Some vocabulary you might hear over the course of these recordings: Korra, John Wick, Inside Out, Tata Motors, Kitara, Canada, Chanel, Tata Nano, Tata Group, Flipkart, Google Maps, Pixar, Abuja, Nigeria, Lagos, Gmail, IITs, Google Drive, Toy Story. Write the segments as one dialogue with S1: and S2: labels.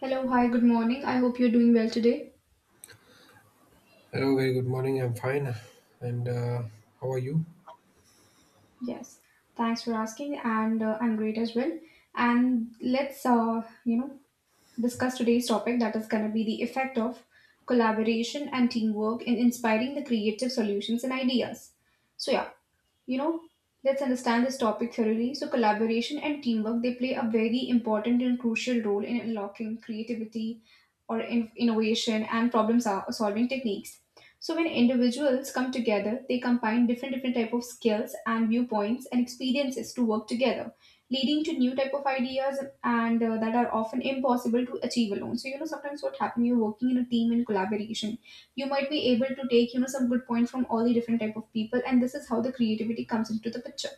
S1: Hello, hi, good morning. I hope you're doing well today.
S2: Hello, very good morning. I'm fine. And how are you?
S1: Yes, thanks for asking, and I'm great as well. And let's, discuss today's topic that is going to be the effect of collaboration and teamwork in inspiring the creative solutions and ideas. So, yeah, you know let's understand this topic thoroughly. So collaboration and teamwork, they play a very important and crucial role in unlocking creativity or innovation and problem solving techniques. So when individuals come together, they combine different type of skills and viewpoints and experiences to work together, leading to new type of ideas and that are often impossible to achieve alone. So sometimes what happens, you're working in a team, in collaboration, you might be able to take some good points from all the different type of people, and this is how the creativity comes into the picture.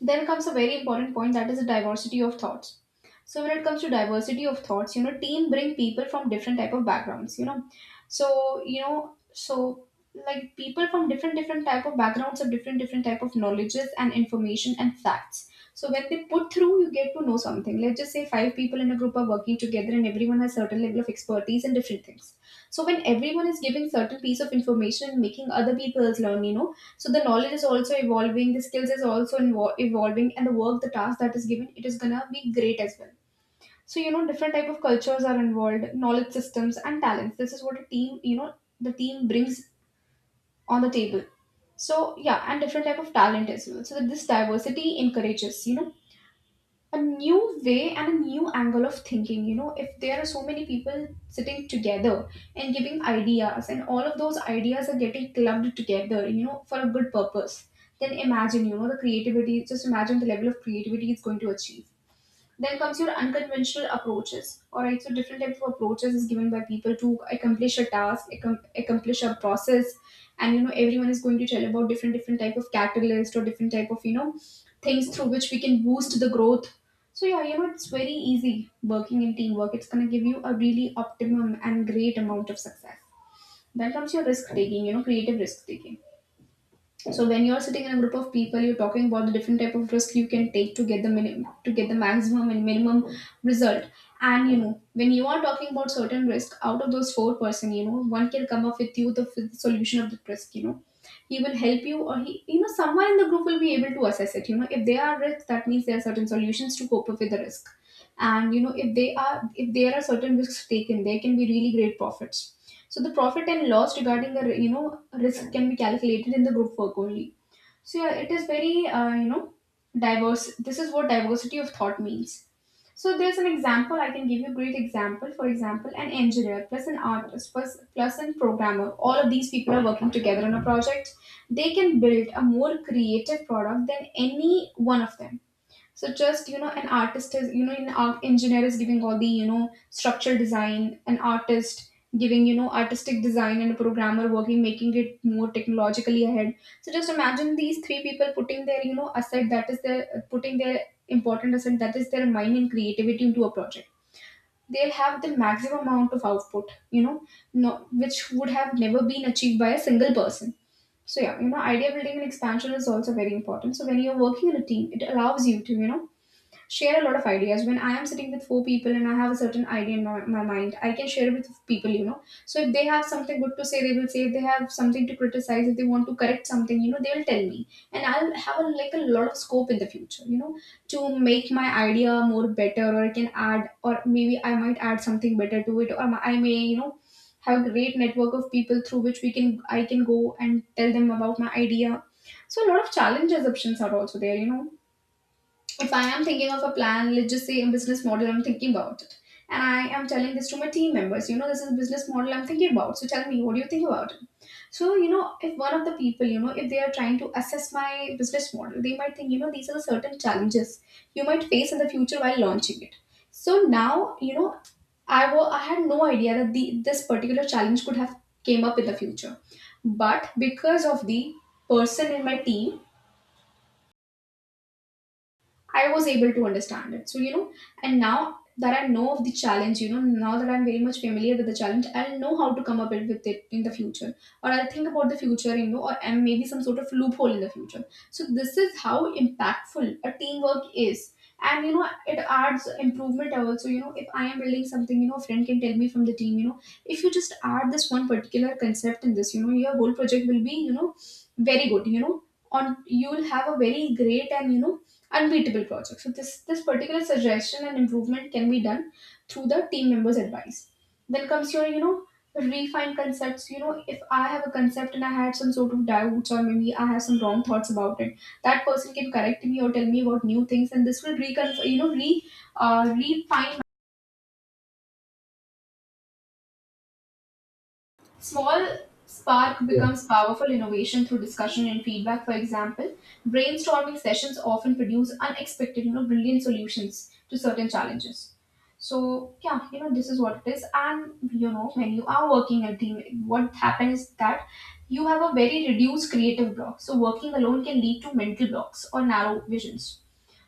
S1: Then comes a very important point, that is the diversity of thoughts. So when it comes to diversity of thoughts, team bring people from different type of backgrounds. So you know so like people from different type of backgrounds, of different type of knowledges and information and facts. So when they put through, you get to know something. Let's just say five people in a group are working together and everyone has certain level of expertise in different things. So when everyone is giving certain piece of information and making other people's learn, so the knowledge is also evolving, the skills is also evolving, and the work, the task that is given, it is gonna be great as well. So different type of cultures are involved, knowledge systems and talents. This is what a team you know the team brings on the table. So yeah, and different type of talent as well. So that this diversity encourages, a new way and a new angle of thinking. If there are so many people sitting together and giving ideas, and all of those ideas are getting clubbed together, for a good purpose, then imagine, the creativity, just imagine the level of creativity it's going to achieve. Then comes your unconventional approaches. All right, so different types of approaches is given by people to accomplish a task, accomplish a process, and everyone is going to tell about different type of catalyst or different type of things through which we can boost the growth. So yeah, it's very easy working in teamwork. It's gonna give you a really optimum and great amount of success. Then comes your risk taking, creative risk taking. So when you're sitting in a group of people, you're talking about the different type of risk you can take to get the maximum and minimum result. And when you are talking about certain risk, out of those four person, one can come up with you the, solution of the risk. He will help you, or he, someone in the group will be able to assess it. If there are risks, that means there are certain solutions to cope up with the risk. And if there are certain risks taken, there can be really great profits. So the profit and loss regarding the risk can be calculated in the group work only. So yeah, it is very diverse. This is what diversity of thought means. So there's an example, I can give you a great example. For example, an engineer plus an artist plus an programmer. All of these people are working together on a project. They can build a more creative product than any one of them. So just an artist is an art engineer is giving all the structural design, an artist giving artistic design, and a programmer working, making it more technologically ahead. So just imagine these three people putting their asset, that is their, putting their important asset, that is their mind and creativity, into a project. They'll have the maximum amount of output, no, which would have never been achieved by a single person. So yeah, idea building and expansion is also very important. So when you're working in a team, it allows you to share a lot of ideas. When I am sitting with four people and I have a certain idea in my mind, I can share it with people. So if they have something good to say, they will say. If they have something to criticize, if they want to correct something, they will tell me, and I'll have like a lot of scope in the future, to make my idea more better, or I can add, or maybe I might add something better to it, or I may have a great network of people through which we can I can go and tell them about my idea. So a lot of challenge assumptions are also there. If I am thinking of a plan, let's just say a business model, I'm thinking about it, and I am telling this to my team members, this is a business model I'm thinking about. So tell me, what do you think about it? So, if one of the people, if they are trying to assess my business model, they might think, these are the certain challenges you might face in the future while launching it. So now, I had no idea that this particular challenge could have came up in the future. But because of the person in my team, I was able to understand it. So, and now that I know of the challenge, now that I'm very much familiar with the challenge, I'll know how to come up with it in the future. Or I'll think about the future, or and maybe some sort of loophole in the future. So this is how impactful a teamwork is. And it adds improvement also. If I am building something, a friend can tell me from the team, if you just add this one particular concept in this, your whole project will be, very good. On, you'll have a very great and unbeatable project. So this particular suggestion and improvement can be done through the team members' advice. Then comes your refine concepts. You know if I have a concept and I had some sort of doubts, or maybe I have some wrong thoughts about it, that person can correct me or tell me about new things, and this will reconf re refine. Small spark
S2: Yeah.
S1: becomes powerful innovation through discussion and feedback. For example, brainstorming sessions often produce unexpected, brilliant solutions to certain challenges. So yeah, this is what it is. And when you are working in a team, what happens is that you have a very reduced creative block. So working alone can lead to mental blocks or narrow visions,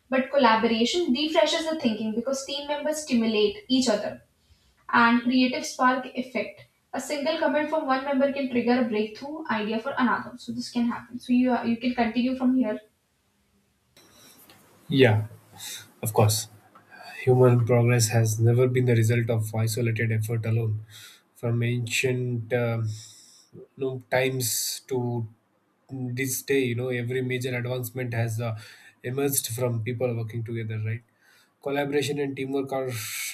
S1: but collaboration refreshes the thinking because team members stimulate each other and creative spark effect. A single comment from one member can trigger a breakthrough idea for another. So this can happen. So you can continue from here.
S2: Yeah, of course. Human progress has never been the result of isolated effort alone. From ancient you times to this day, you know, every major advancement has emerged from people working together, right? Collaboration and teamwork are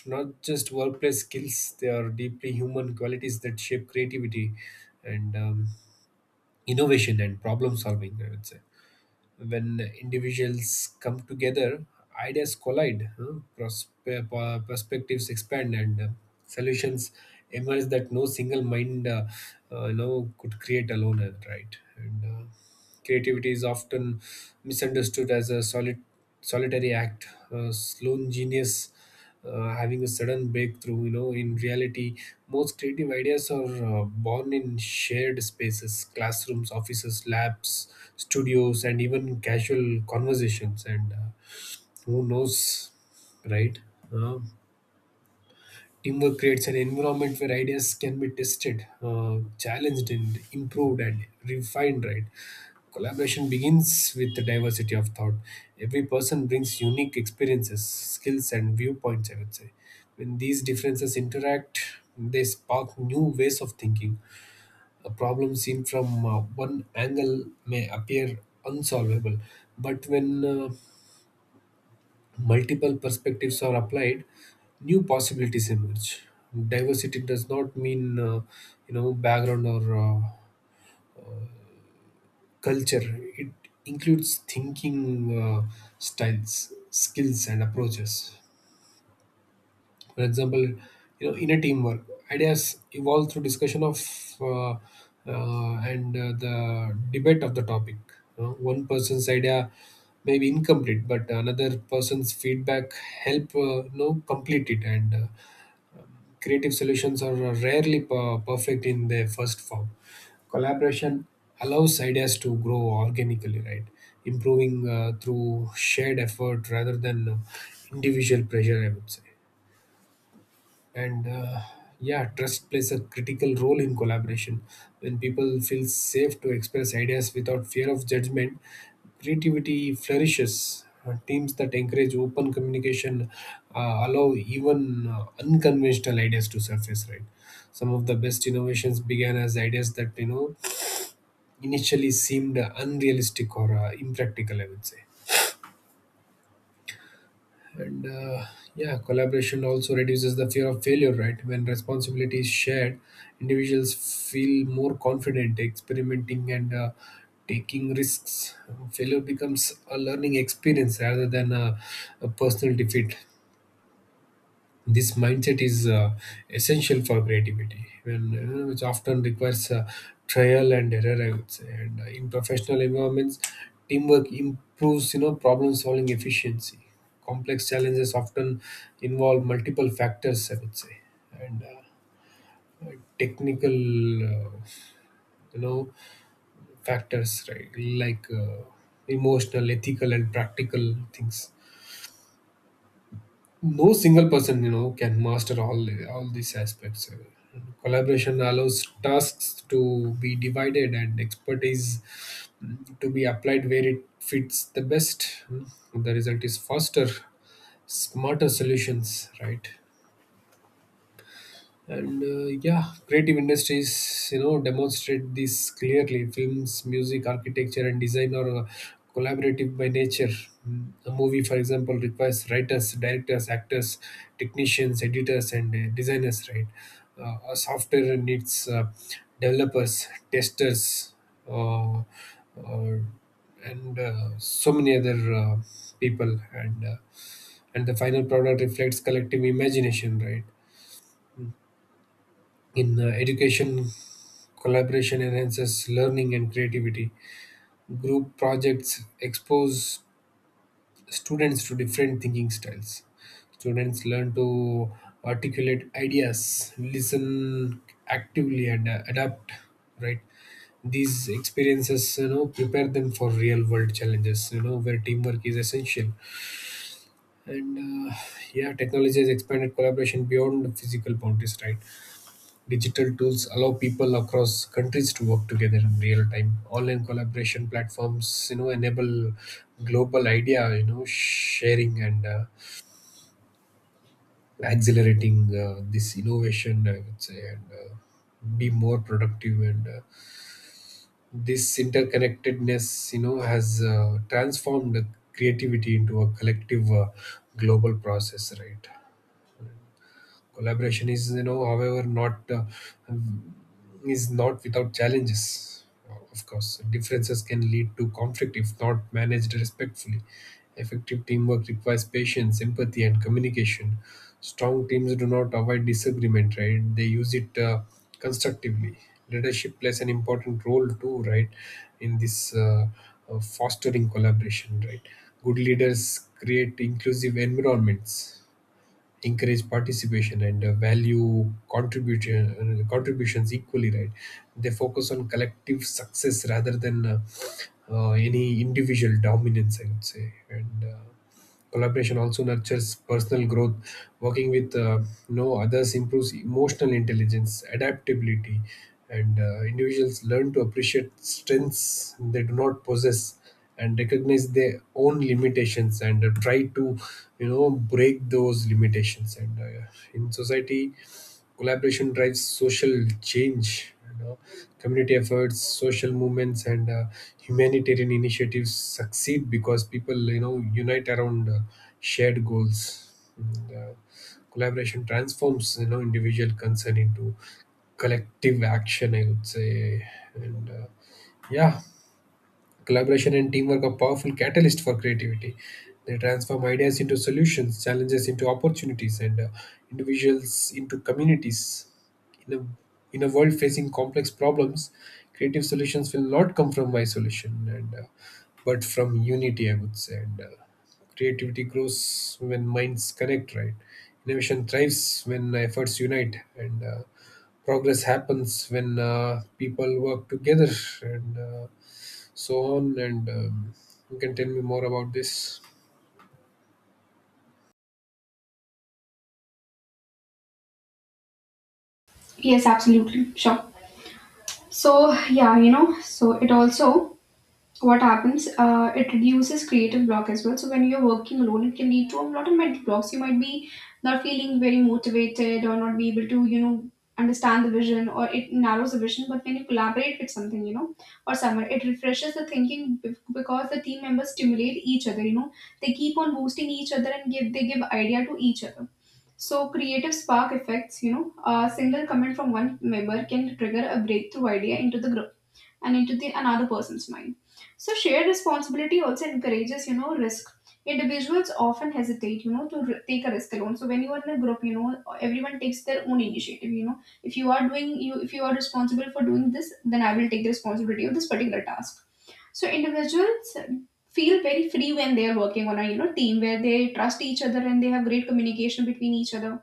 S2: not just workplace skills, they are deeply human qualities that shape creativity and innovation and problem solving, I would say. When individuals come together, ideas collide, huh? Perspectives expand, and solutions emerge that no single mind you know, could create alone, right? And creativity is often misunderstood as a solitary act. Lone genius having a sudden breakthrough. You know, in reality, most creative ideas are born in shared spaces, classrooms, offices, labs, studios, and even casual conversations. And who knows, right? Uh, Teamwork creates an environment where ideas can be tested, challenged, and improved and refined, right? Collaboration begins with the diversity of thought. Every person brings unique experiences, skills, and viewpoints, I would say. When these differences interact, they spark new ways of thinking. A problem seen from one angle may appear unsolvable, but when multiple perspectives are applied, new possibilities emerge. Diversity does not mean you know background or culture. It includes thinking styles, skills, and approaches. For example, you know, in a teamwork, ideas evolve through discussion of uh, and the debate of the topic. You know, one person's idea may be incomplete, but another person's feedback help you know complete it and. Creative solutions are rarely perfect in their first form. Collaboration allows ideas to grow organically, right? Improving through shared effort rather than individual pressure, I would say. And yeah, trust plays a critical role in collaboration. When people feel safe to express ideas without fear of judgment, creativity flourishes. Teams that encourage open communication allow even unconventional ideas to surface, right? Some of the best innovations began as ideas that you know initially seemed unrealistic or impractical, I would say. And yeah, collaboration also reduces the fear of failure, right? When responsibility is shared, individuals feel more confident experimenting and taking risks. Failure becomes a learning experience rather than a personal defeat. This mindset is essential for creativity, when you know, which often requires trial and error, I would say. And in professional environments, teamwork improves you know problem solving efficiency. Complex challenges often involve multiple factors, I would say, and technical you know factors, right? Like emotional, ethical and practical things. No single person you know can master all these aspects. Collaboration allows tasks to be divided and expertise, to be applied where it fits the best. Mm. The result is faster, smarter solutions, right? And yeah, creative industries you know demonstrate this clearly. Films, music, architecture and design are collaborative by nature. Mm, a movie for example requires writers, directors, actors, technicians, editors and designers, right? A software needs developers, testers, uh, uh, and so many other people, and the final product reflects collective imagination, right? In education, collaboration enhances learning and creativity. Group projects expose students to different thinking styles. Students learn to articulate ideas, listen actively, and adapt. Right. These experiences, you know, prepare them for real-world challenges. You know, where teamwork is essential. And uh, yeah, technology has expanded collaboration beyond the physical boundaries. Right. Digital tools allow people across countries to work together in real time. Online collaboration platforms, you know, enable global idea, you know, sharing and accelerating this innovation. I would say, and be more productive. And this interconnectedness, you know, has transformed creativity into a collective global process. Right. Collaboration is, you know, however, not is not without challenges. Of course, differences can lead to conflict if not managed respectfully. Effective teamwork requires patience, empathy, and communication. Strong teams do not avoid disagreement, right? They use it constructively. Leadership plays an important role too, right, in this fostering collaboration, right? Good leaders create inclusive environments, encourage participation and value contribution contributions equally, right? They focus on collective success rather than any individual dominance, I would say. And collaboration also nurtures personal growth. Working with no others improves emotional intelligence, adaptability, and individuals learn to appreciate strengths they do not possess and recognize their own limitations, and try to you know break those limitations. And in society, collaboration drives social change, you know. Community efforts, social movements and humanitarian initiatives succeed because people you know unite around shared goals, and collaboration transforms you know individual concern into collective action, I would say. And yeah, collaboration and teamwork are powerful catalysts for creativity. They transform ideas into solutions, challenges into opportunities, and individuals into communities. In in a world facing complex problems, creative solutions will not come from isolation, and but from unity, I would say. And creativity grows when minds connect, right? Innovation thrives when efforts unite, and progress happens when people work together, and so on. And you can tell me more about this,
S1: Yes, absolutely, sure. So yeah, so it also, what happens, it reduces creative block as well. So when you're working alone, it can lead to a lot of mental blocks. You might be not feeling very motivated or not be able to understand the vision, or it narrows the vision. But when you collaborate with something, or someone, it refreshes the thinking, because the team members stimulate each other. They keep on boosting each other and give they give idea to each other. So creative spark effects, a single comment from one member can trigger a breakthrough idea into the group and into the another person's mind. So shared responsibility also encourages, risk. Individuals often hesitate, to take a risk alone. So when you are in a group, everyone takes their own initiative. If you are doing, you if you are responsible for doing this, then I will take the responsibility of this particular task. So individuals feel very free when they are working on a team where they trust each other and they have great communication between each other.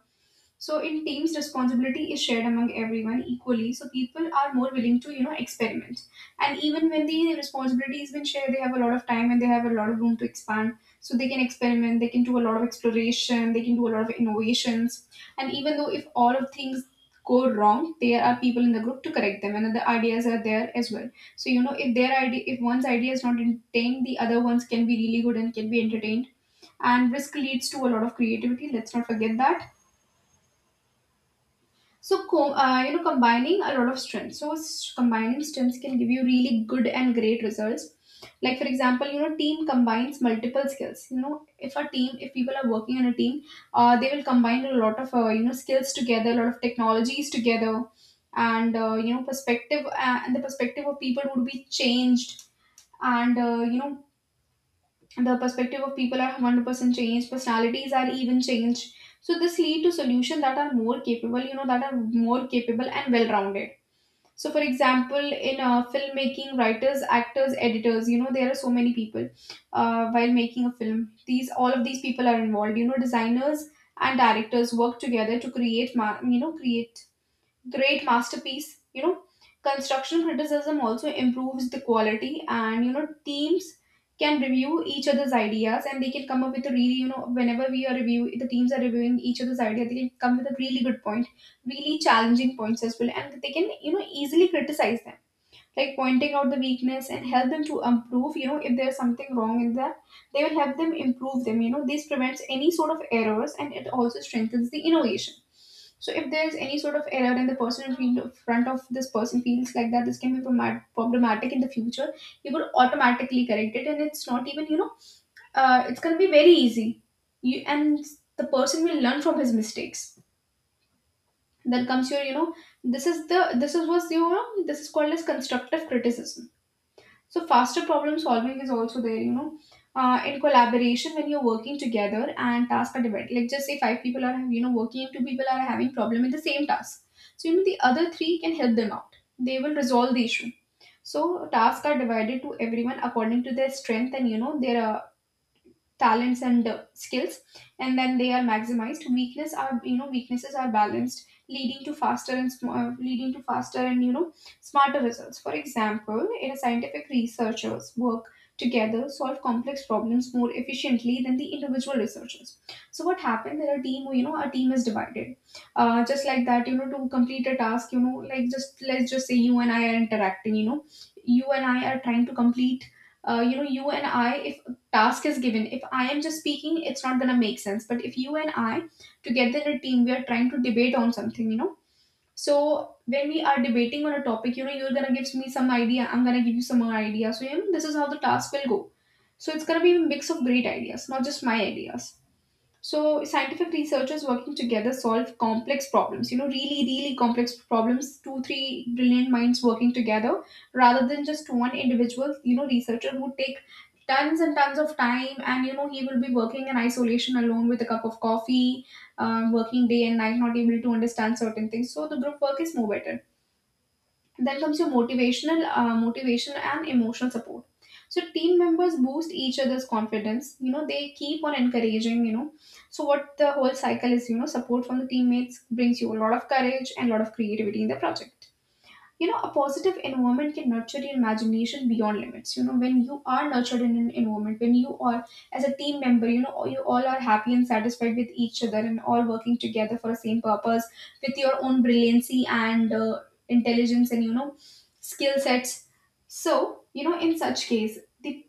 S1: So in teams, responsibility is shared among everyone equally. So people are more willing to, experiment. And even when the responsibility has been shared, they have a lot of time and they have a lot of room to expand. So they can experiment, they can do a lot of exploration, they can do a lot of innovations. And even though if all of things go wrong, there are people in the group to correct them, and the ideas are there as well. So if their idea if one's idea is not entertained, the other ones can be really good and can be entertained. And risk leads to a lot of creativity. Let's not forget that. So, combining a lot of stems. So, combining stems can give you really good and great results. Like for example, team combines multiple skills. If a team, if people are working in a team, they will combine a lot of skills together, a lot of technologies together, and perspective and the perspective of people would be changed, and the perspective of people are 100% changed, personalities are even changed. So this lead to solutions that are more capable, that are more capable and well rounded. So for example, in filmmaking, writers, actors, editors, there are so many people. While making a film, these all of these people are involved, designers and directors work together to create great masterpiece. Construction criticism also improves the quality, and teams can review each other's ideas, and they can come up with a really whenever we are review, the teams are reviewing each other's idea, they can come with a really good point, really challenging points as well, and they can easily criticize them, like pointing out the weakness and help them to improve. If there's something wrong in that, they will help them improve them. This prevents any sort of errors, and it also strengthens the innovation. So if there's any sort of error and the person in field front of this person feels like that this can be problematic in the future, you could automatically correct it, and it's not even it's gonna be very easy. You and the person will learn from his mistakes. Then comes your this is the this is what's this is called as constructive criticism. So faster problem solving is also there, in collaboration when you're working together and task are divided. Like just say five people are working, and two people are having problem in the same task. So the other three can help them out. They will resolve the issue. So tasks are divided to everyone according to their strength and their talents and skills, and then they are maximized, weakness are weaknesses are balanced leading to faster and leading to faster and smarter results. For example, in a scientific researchers work together solve complex problems more efficiently than the individual researchers. So what happened? There a team, a team is divided, just like that. To complete a task, like just let's just say you and I are interacting, you and I are trying to complete you and I, if task is given, if I am just speaking, it's not gonna make sense. But if you and I together in a team we are trying to debate on something, so when we are debating on a topic, you're gonna give me some idea, I'm gonna give you some more idea. So this is how the task will go. So it's gonna be a mix of great ideas, not just my ideas. So scientific researchers working together solve complex problems, really, really complex problems, two, three brilliant minds working together, rather than just one individual, researcher who take tons and tons of time, and, he will be working in isolation alone with a cup of coffee, working day and night, not able to understand certain things. So the group work is more better. Then comes your motivation and emotional support. So team members boost each other's confidence. You know they keep on encouraging. So what the whole cycle is. Support from the teammates brings you a lot of courage and a lot of creativity in the project. A positive environment can nurture your imagination beyond limits. When you are nurtured in an environment, when you are as a team member, you all are happy and satisfied with each other and all working together for the same purpose with your own brilliancy and intelligence and skill sets. So in such case, the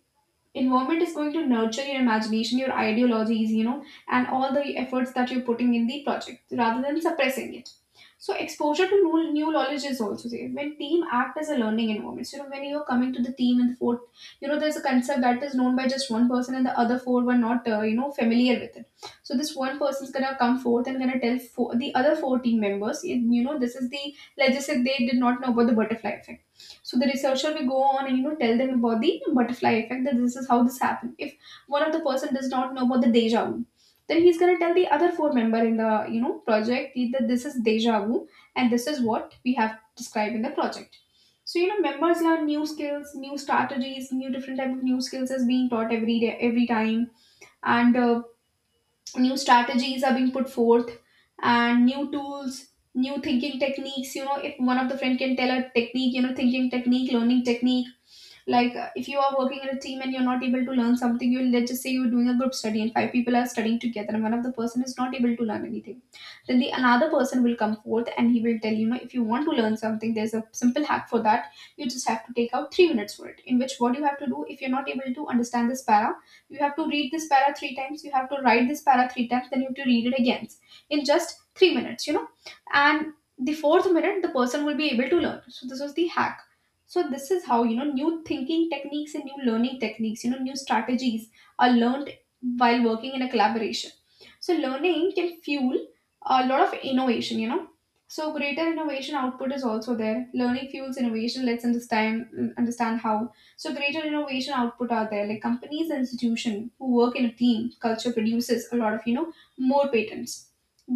S1: environment is going to nurture your imagination, your ideologies, and all the efforts that you're putting in the project, rather than suppressing it. So exposure to new, new knowledge is also there when team act as a learning environment. So when you're coming to the team and the fourth, there's a concept that is known by just one person and the other four were not familiar with it. So this one person's gonna come forth and gonna tell four, the other four team members, this is the, let's just say they did not know about the butterfly effect. So the researcher will go on and tell them about the butterfly effect, that this is how this happened. If one of the person does not know about the deja vu, then he's gonna tell the other four member in the project that this is deja vu, and this is what we have described in the project. So members learn new skills, new strategies, new different type of new skills is being taught every day, every time, and new strategies are being put forth, and new tools, new thinking techniques. If one of the friend can tell a technique, thinking technique, learning technique, like if you are working in a team and you're not able to learn something, you let's just say you're doing a group study and five people are studying together and one of the person is not able to learn anything, then the another person will come forth and he will tell you, you know if you want to learn something, there's a simple hack for that. You just have to take out 3 minutes for it, in which what you have to do, if you're not able to understand this para, you have to read this para 3 times, you have to write this para 3 times, then you have to read it again in just 3 minutes, and the fourth minute the person will be able to learn. So this was the hack. So this is how new thinking techniques and new learning techniques, new strategies are learned while working in a collaboration. So learning can fuel a lot of innovation. So greater innovation output is also there. Learning fuels innovation. Let's understand how. So greater innovation output are there, like companies and institution who work in a team culture produces a lot of more patents.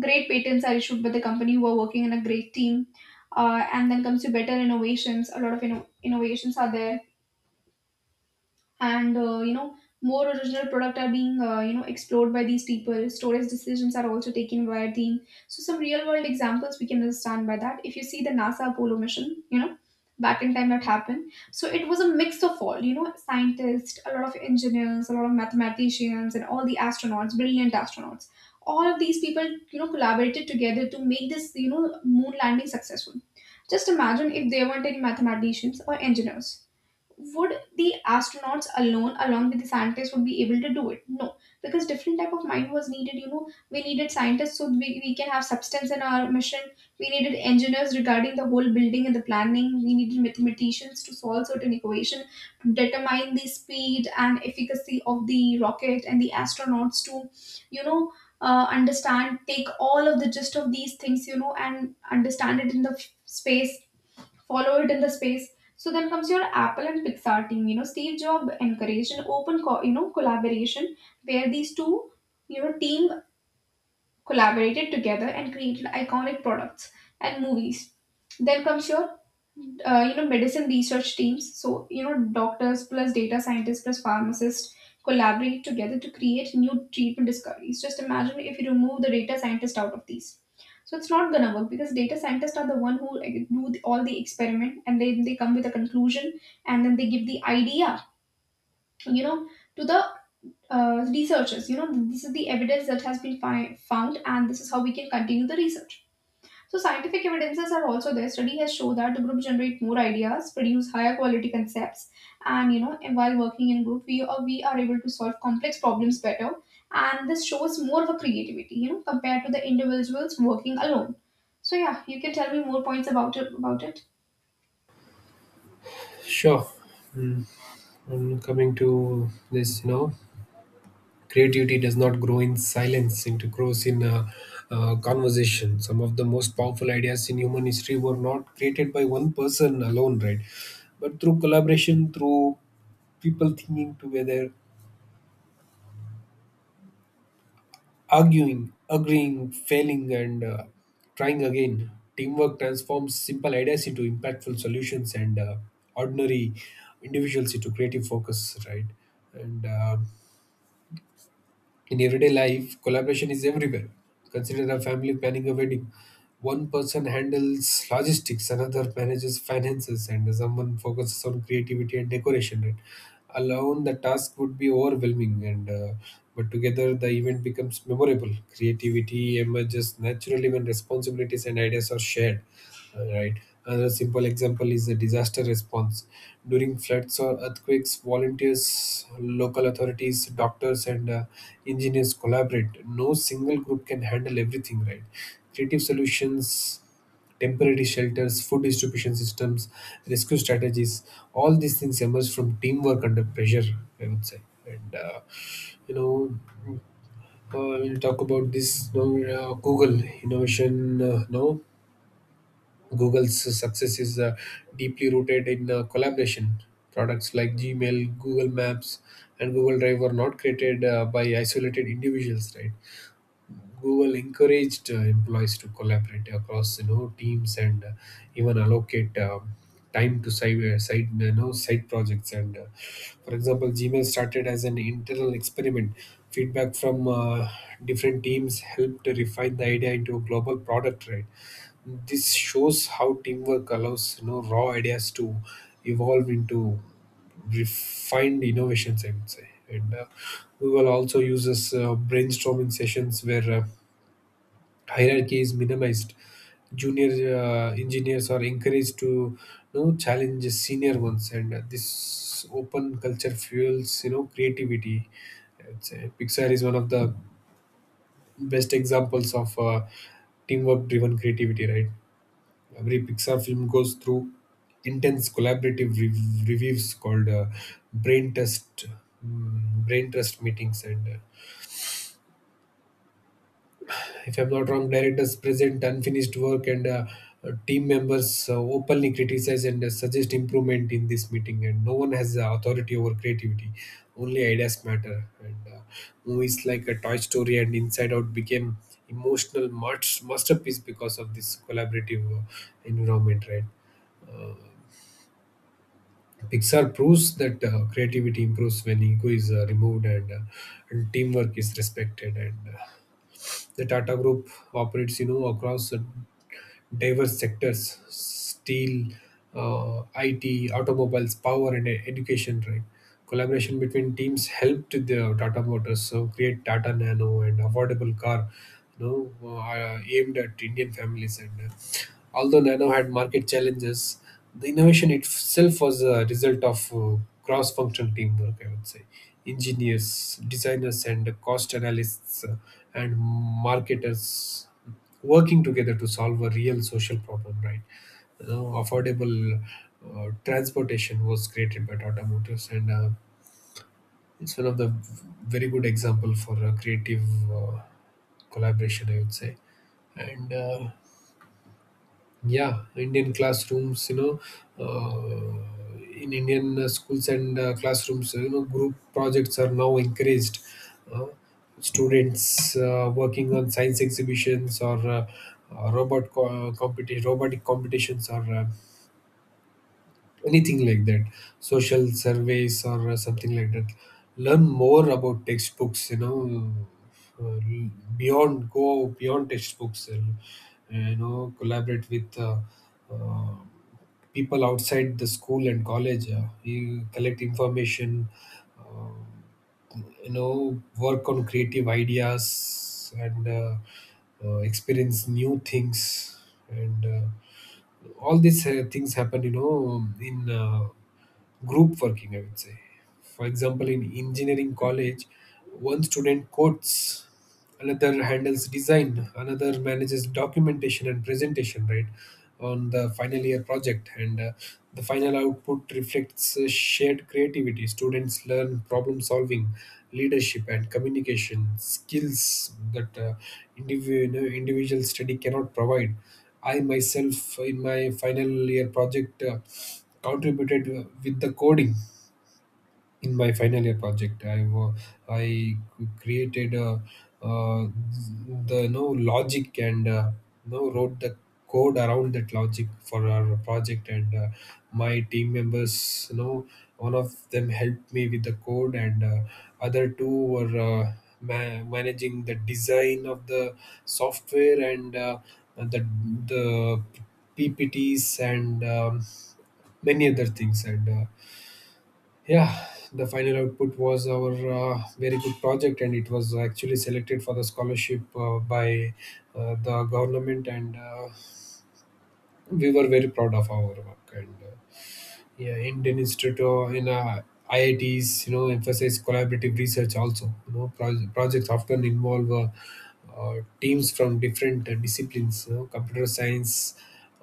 S1: Great patents are issued by the company who are working in a great team. And then comes to better innovations, a lot of innovations, innovations are there, and more original product are being explored by these people. Storage decisions are also taken by a team. So some real world examples we can understand by that. If you see the NASA Apollo mission, back in time that happened, so it was a mix of all, scientists, a lot of engineers, a lot of mathematicians, and all the astronauts, brilliant astronauts, all of these people, collaborated together to make this, moon landing successful. Just imagine if there weren't any mathematicians or engineers, would the astronauts alone along with the scientists would be able to do it? No, because different type of mind was needed. We needed scientists so we can have substance in our mission. We needed engineers regarding the whole building and the planning. We needed mathematicians to solve certain equation, to determine the speed and efficacy of the rocket, and the astronauts to you know understand, take all of the gist of these things, and understand it in the space, follow it in the space. So then comes your Apple and Pixar team. You know, Steve Jobs encouraged an open, collaboration where these two, team collaborated together and created iconic products and movies. Then comes your medicine research teams. So doctors plus data scientists plus pharmacists collaborate together to create new treatment discoveries. Just imagine if you remove the data scientist out of these, so it's not gonna work, because data scientists are the one who like, all the experiment, and then they come with a conclusion and then they give the idea, you know to the researchers, this is the evidence that has been found, and this is how we can continue the research. So scientific evidences are also there. Study has shown that the group generate more ideas, produce higher quality concepts, and and while working in group, we are able to solve complex problems better. And this shows more of a creativity, compared to the individuals working alone. So yeah, you can tell me more points about it.
S2: sure. Mm. And coming to this, you know, creativity does not grow in silence, it grows in conversation. Some of the most powerful ideas in human history were not created by one person alone, right? But through collaboration, through people thinking together. Arguing, agreeing, failing, and trying again. Teamwork transforms simple ideas into impactful solutions and ordinary individuals into creative focus, right? And in everyday life, collaboration is everywhere. Consider a family planning a wedding. One person handles logistics, another manages finances, and someone focuses on creativity and decoration. Right? Alone, the task would be overwhelming, and but together the event becomes memorable. Creativity emerges naturally when responsibilities and ideas are shared. Right. Another simple example is the disaster response. During floods or earthquakes, volunteers, local authorities, doctors, and engineers collaborate. No single group can handle everything, right? Creative solutions, temporary shelters, food distribution systems, rescue strategies, all these things emerge from teamwork under pressure, I would say. And, you know, we'll talk about this now. Google innovation, no? Google's success is deeply rooted in collaboration. Products like Gmail, Google Maps, and Google Drive were not created by isolated individuals, right? Google encouraged employees to collaborate across you know teams, and even allocate time to side side you know side projects. And for example, Gmail started as an internal experiment. Feedback from different teams helped to refine the idea into a global product, right? This shows how teamwork allows you know raw ideas to evolve into refined innovations. I would say, and we will also use this brainstorming sessions where hierarchy is minimized. Junior engineers are encouraged to you know challenge senior ones, and this open culture fuels you know creativity. I'd say Pixar is one of the best examples of teamwork driven creativity, right? Every Pixar film goes through intense collaborative reviews, called brain test brain trust meetings, and if I'm not wrong, directors present unfinished work, and team members openly criticize and suggest improvement in this meeting, and no one has the authority over creativity, only ideas matter. And movies like a Toy Story and Inside Out became emotional masterpiece because of this collaborative environment, right? uh, Pixar proves that creativity improves when ego is removed, and and teamwork is respected. And the Tata Group operates, you know, across diverse sectors, steel, IT, automobiles, power, and education. Right, collaboration between teams helped the Tata Motors so create Tata Nano and affordable car, you know, aimed at Indian families. And although Nano had market challenges, the innovation itself was a result of cross-functional teamwork. I would say, engineers, designers, and cost analysts and marketers working together to solve a real social problem, right? You know, affordable transportation was created by Tata Motors, and it's one of the very good example for a creative uh, collaboration, I would say. And yeah, Indian classrooms, you know, in Indian schools and classrooms, you know, group projects are now encouraged. Uh, Students working on science exhibitions or robotic competitions, or anything like that, social surveys, or something like that, learn more about textbooks, you know, uh, beyond, go beyond textbooks and you know collaborate with uh, people outside the school and college. You collect information, you know, work on creative ideas and experience new things. And all these things happen you know in group working, I would say. For example, in engineering college, one student codes, another handles design, another manages documentation and presentation, right, on the final year project. And the final output reflects shared creativity. Students learn problem solving, leadership, and communication skills that you know, individual study cannot provide. I myself, in my final year project, contributed with the coding. In my final year project, I created uh, the no logic and no wrote the code around that logic for our project. And my team members, you know, one of them helped me with the code, and other two were managing the design of the software and the the ppts and many other things. And yeah, the final output was our very good project, and it was actually selected for the scholarship by the government, and we were very proud of our work. And yeah, Indian Institute in IITs, you know, emphasize collaborative research also. You know, projects often involve teams from different disciplines, you know, computer science,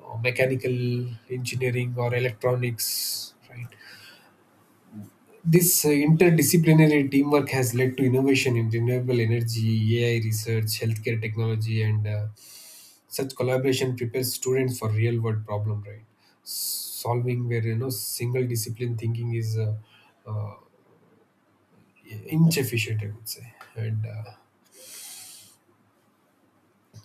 S2: mechanical engineering, or electronics, right? This interdisciplinary teamwork has led to innovation in renewable energy, AI research, healthcare technology, and such collaboration prepares students for real world problem, right? Solving where you know single discipline thinking is uh, inefficient, I would say. And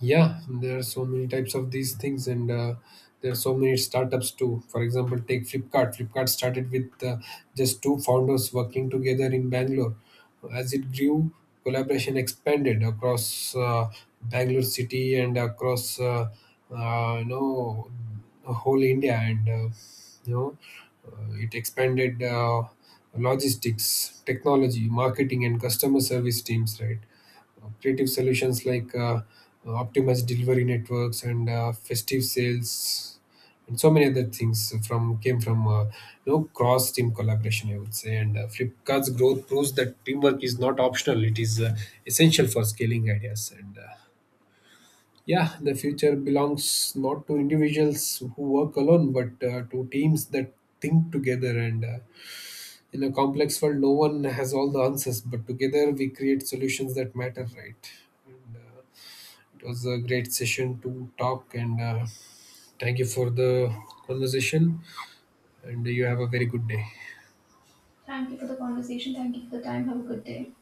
S2: yeah, there are so many types of these things, and there are so many startups too. For example, take Flipkart. Flipkart started with just two founders working together in Bangalore. As it grew, collaboration expanded across Bangalore city and across you know whole India, and you know, it expanded logistics, technology, marketing, and customer service teams. Right. Creative solutions like optimized delivery networks and festive sales and so many other things from came from you know cross team collaboration, I would say. And Flipkart's growth proves that teamwork is not optional, it is essential for scaling ideas. And yeah, the future belongs not to individuals who work alone, but to teams that think together. And in a complex world, no one has all the answers, but together we create solutions that matter, right? And, it was a great session to talk, and thank you for the conversation. And you have a very good day.
S1: Thank you for the conversation. Thank you for the time. Have a good day.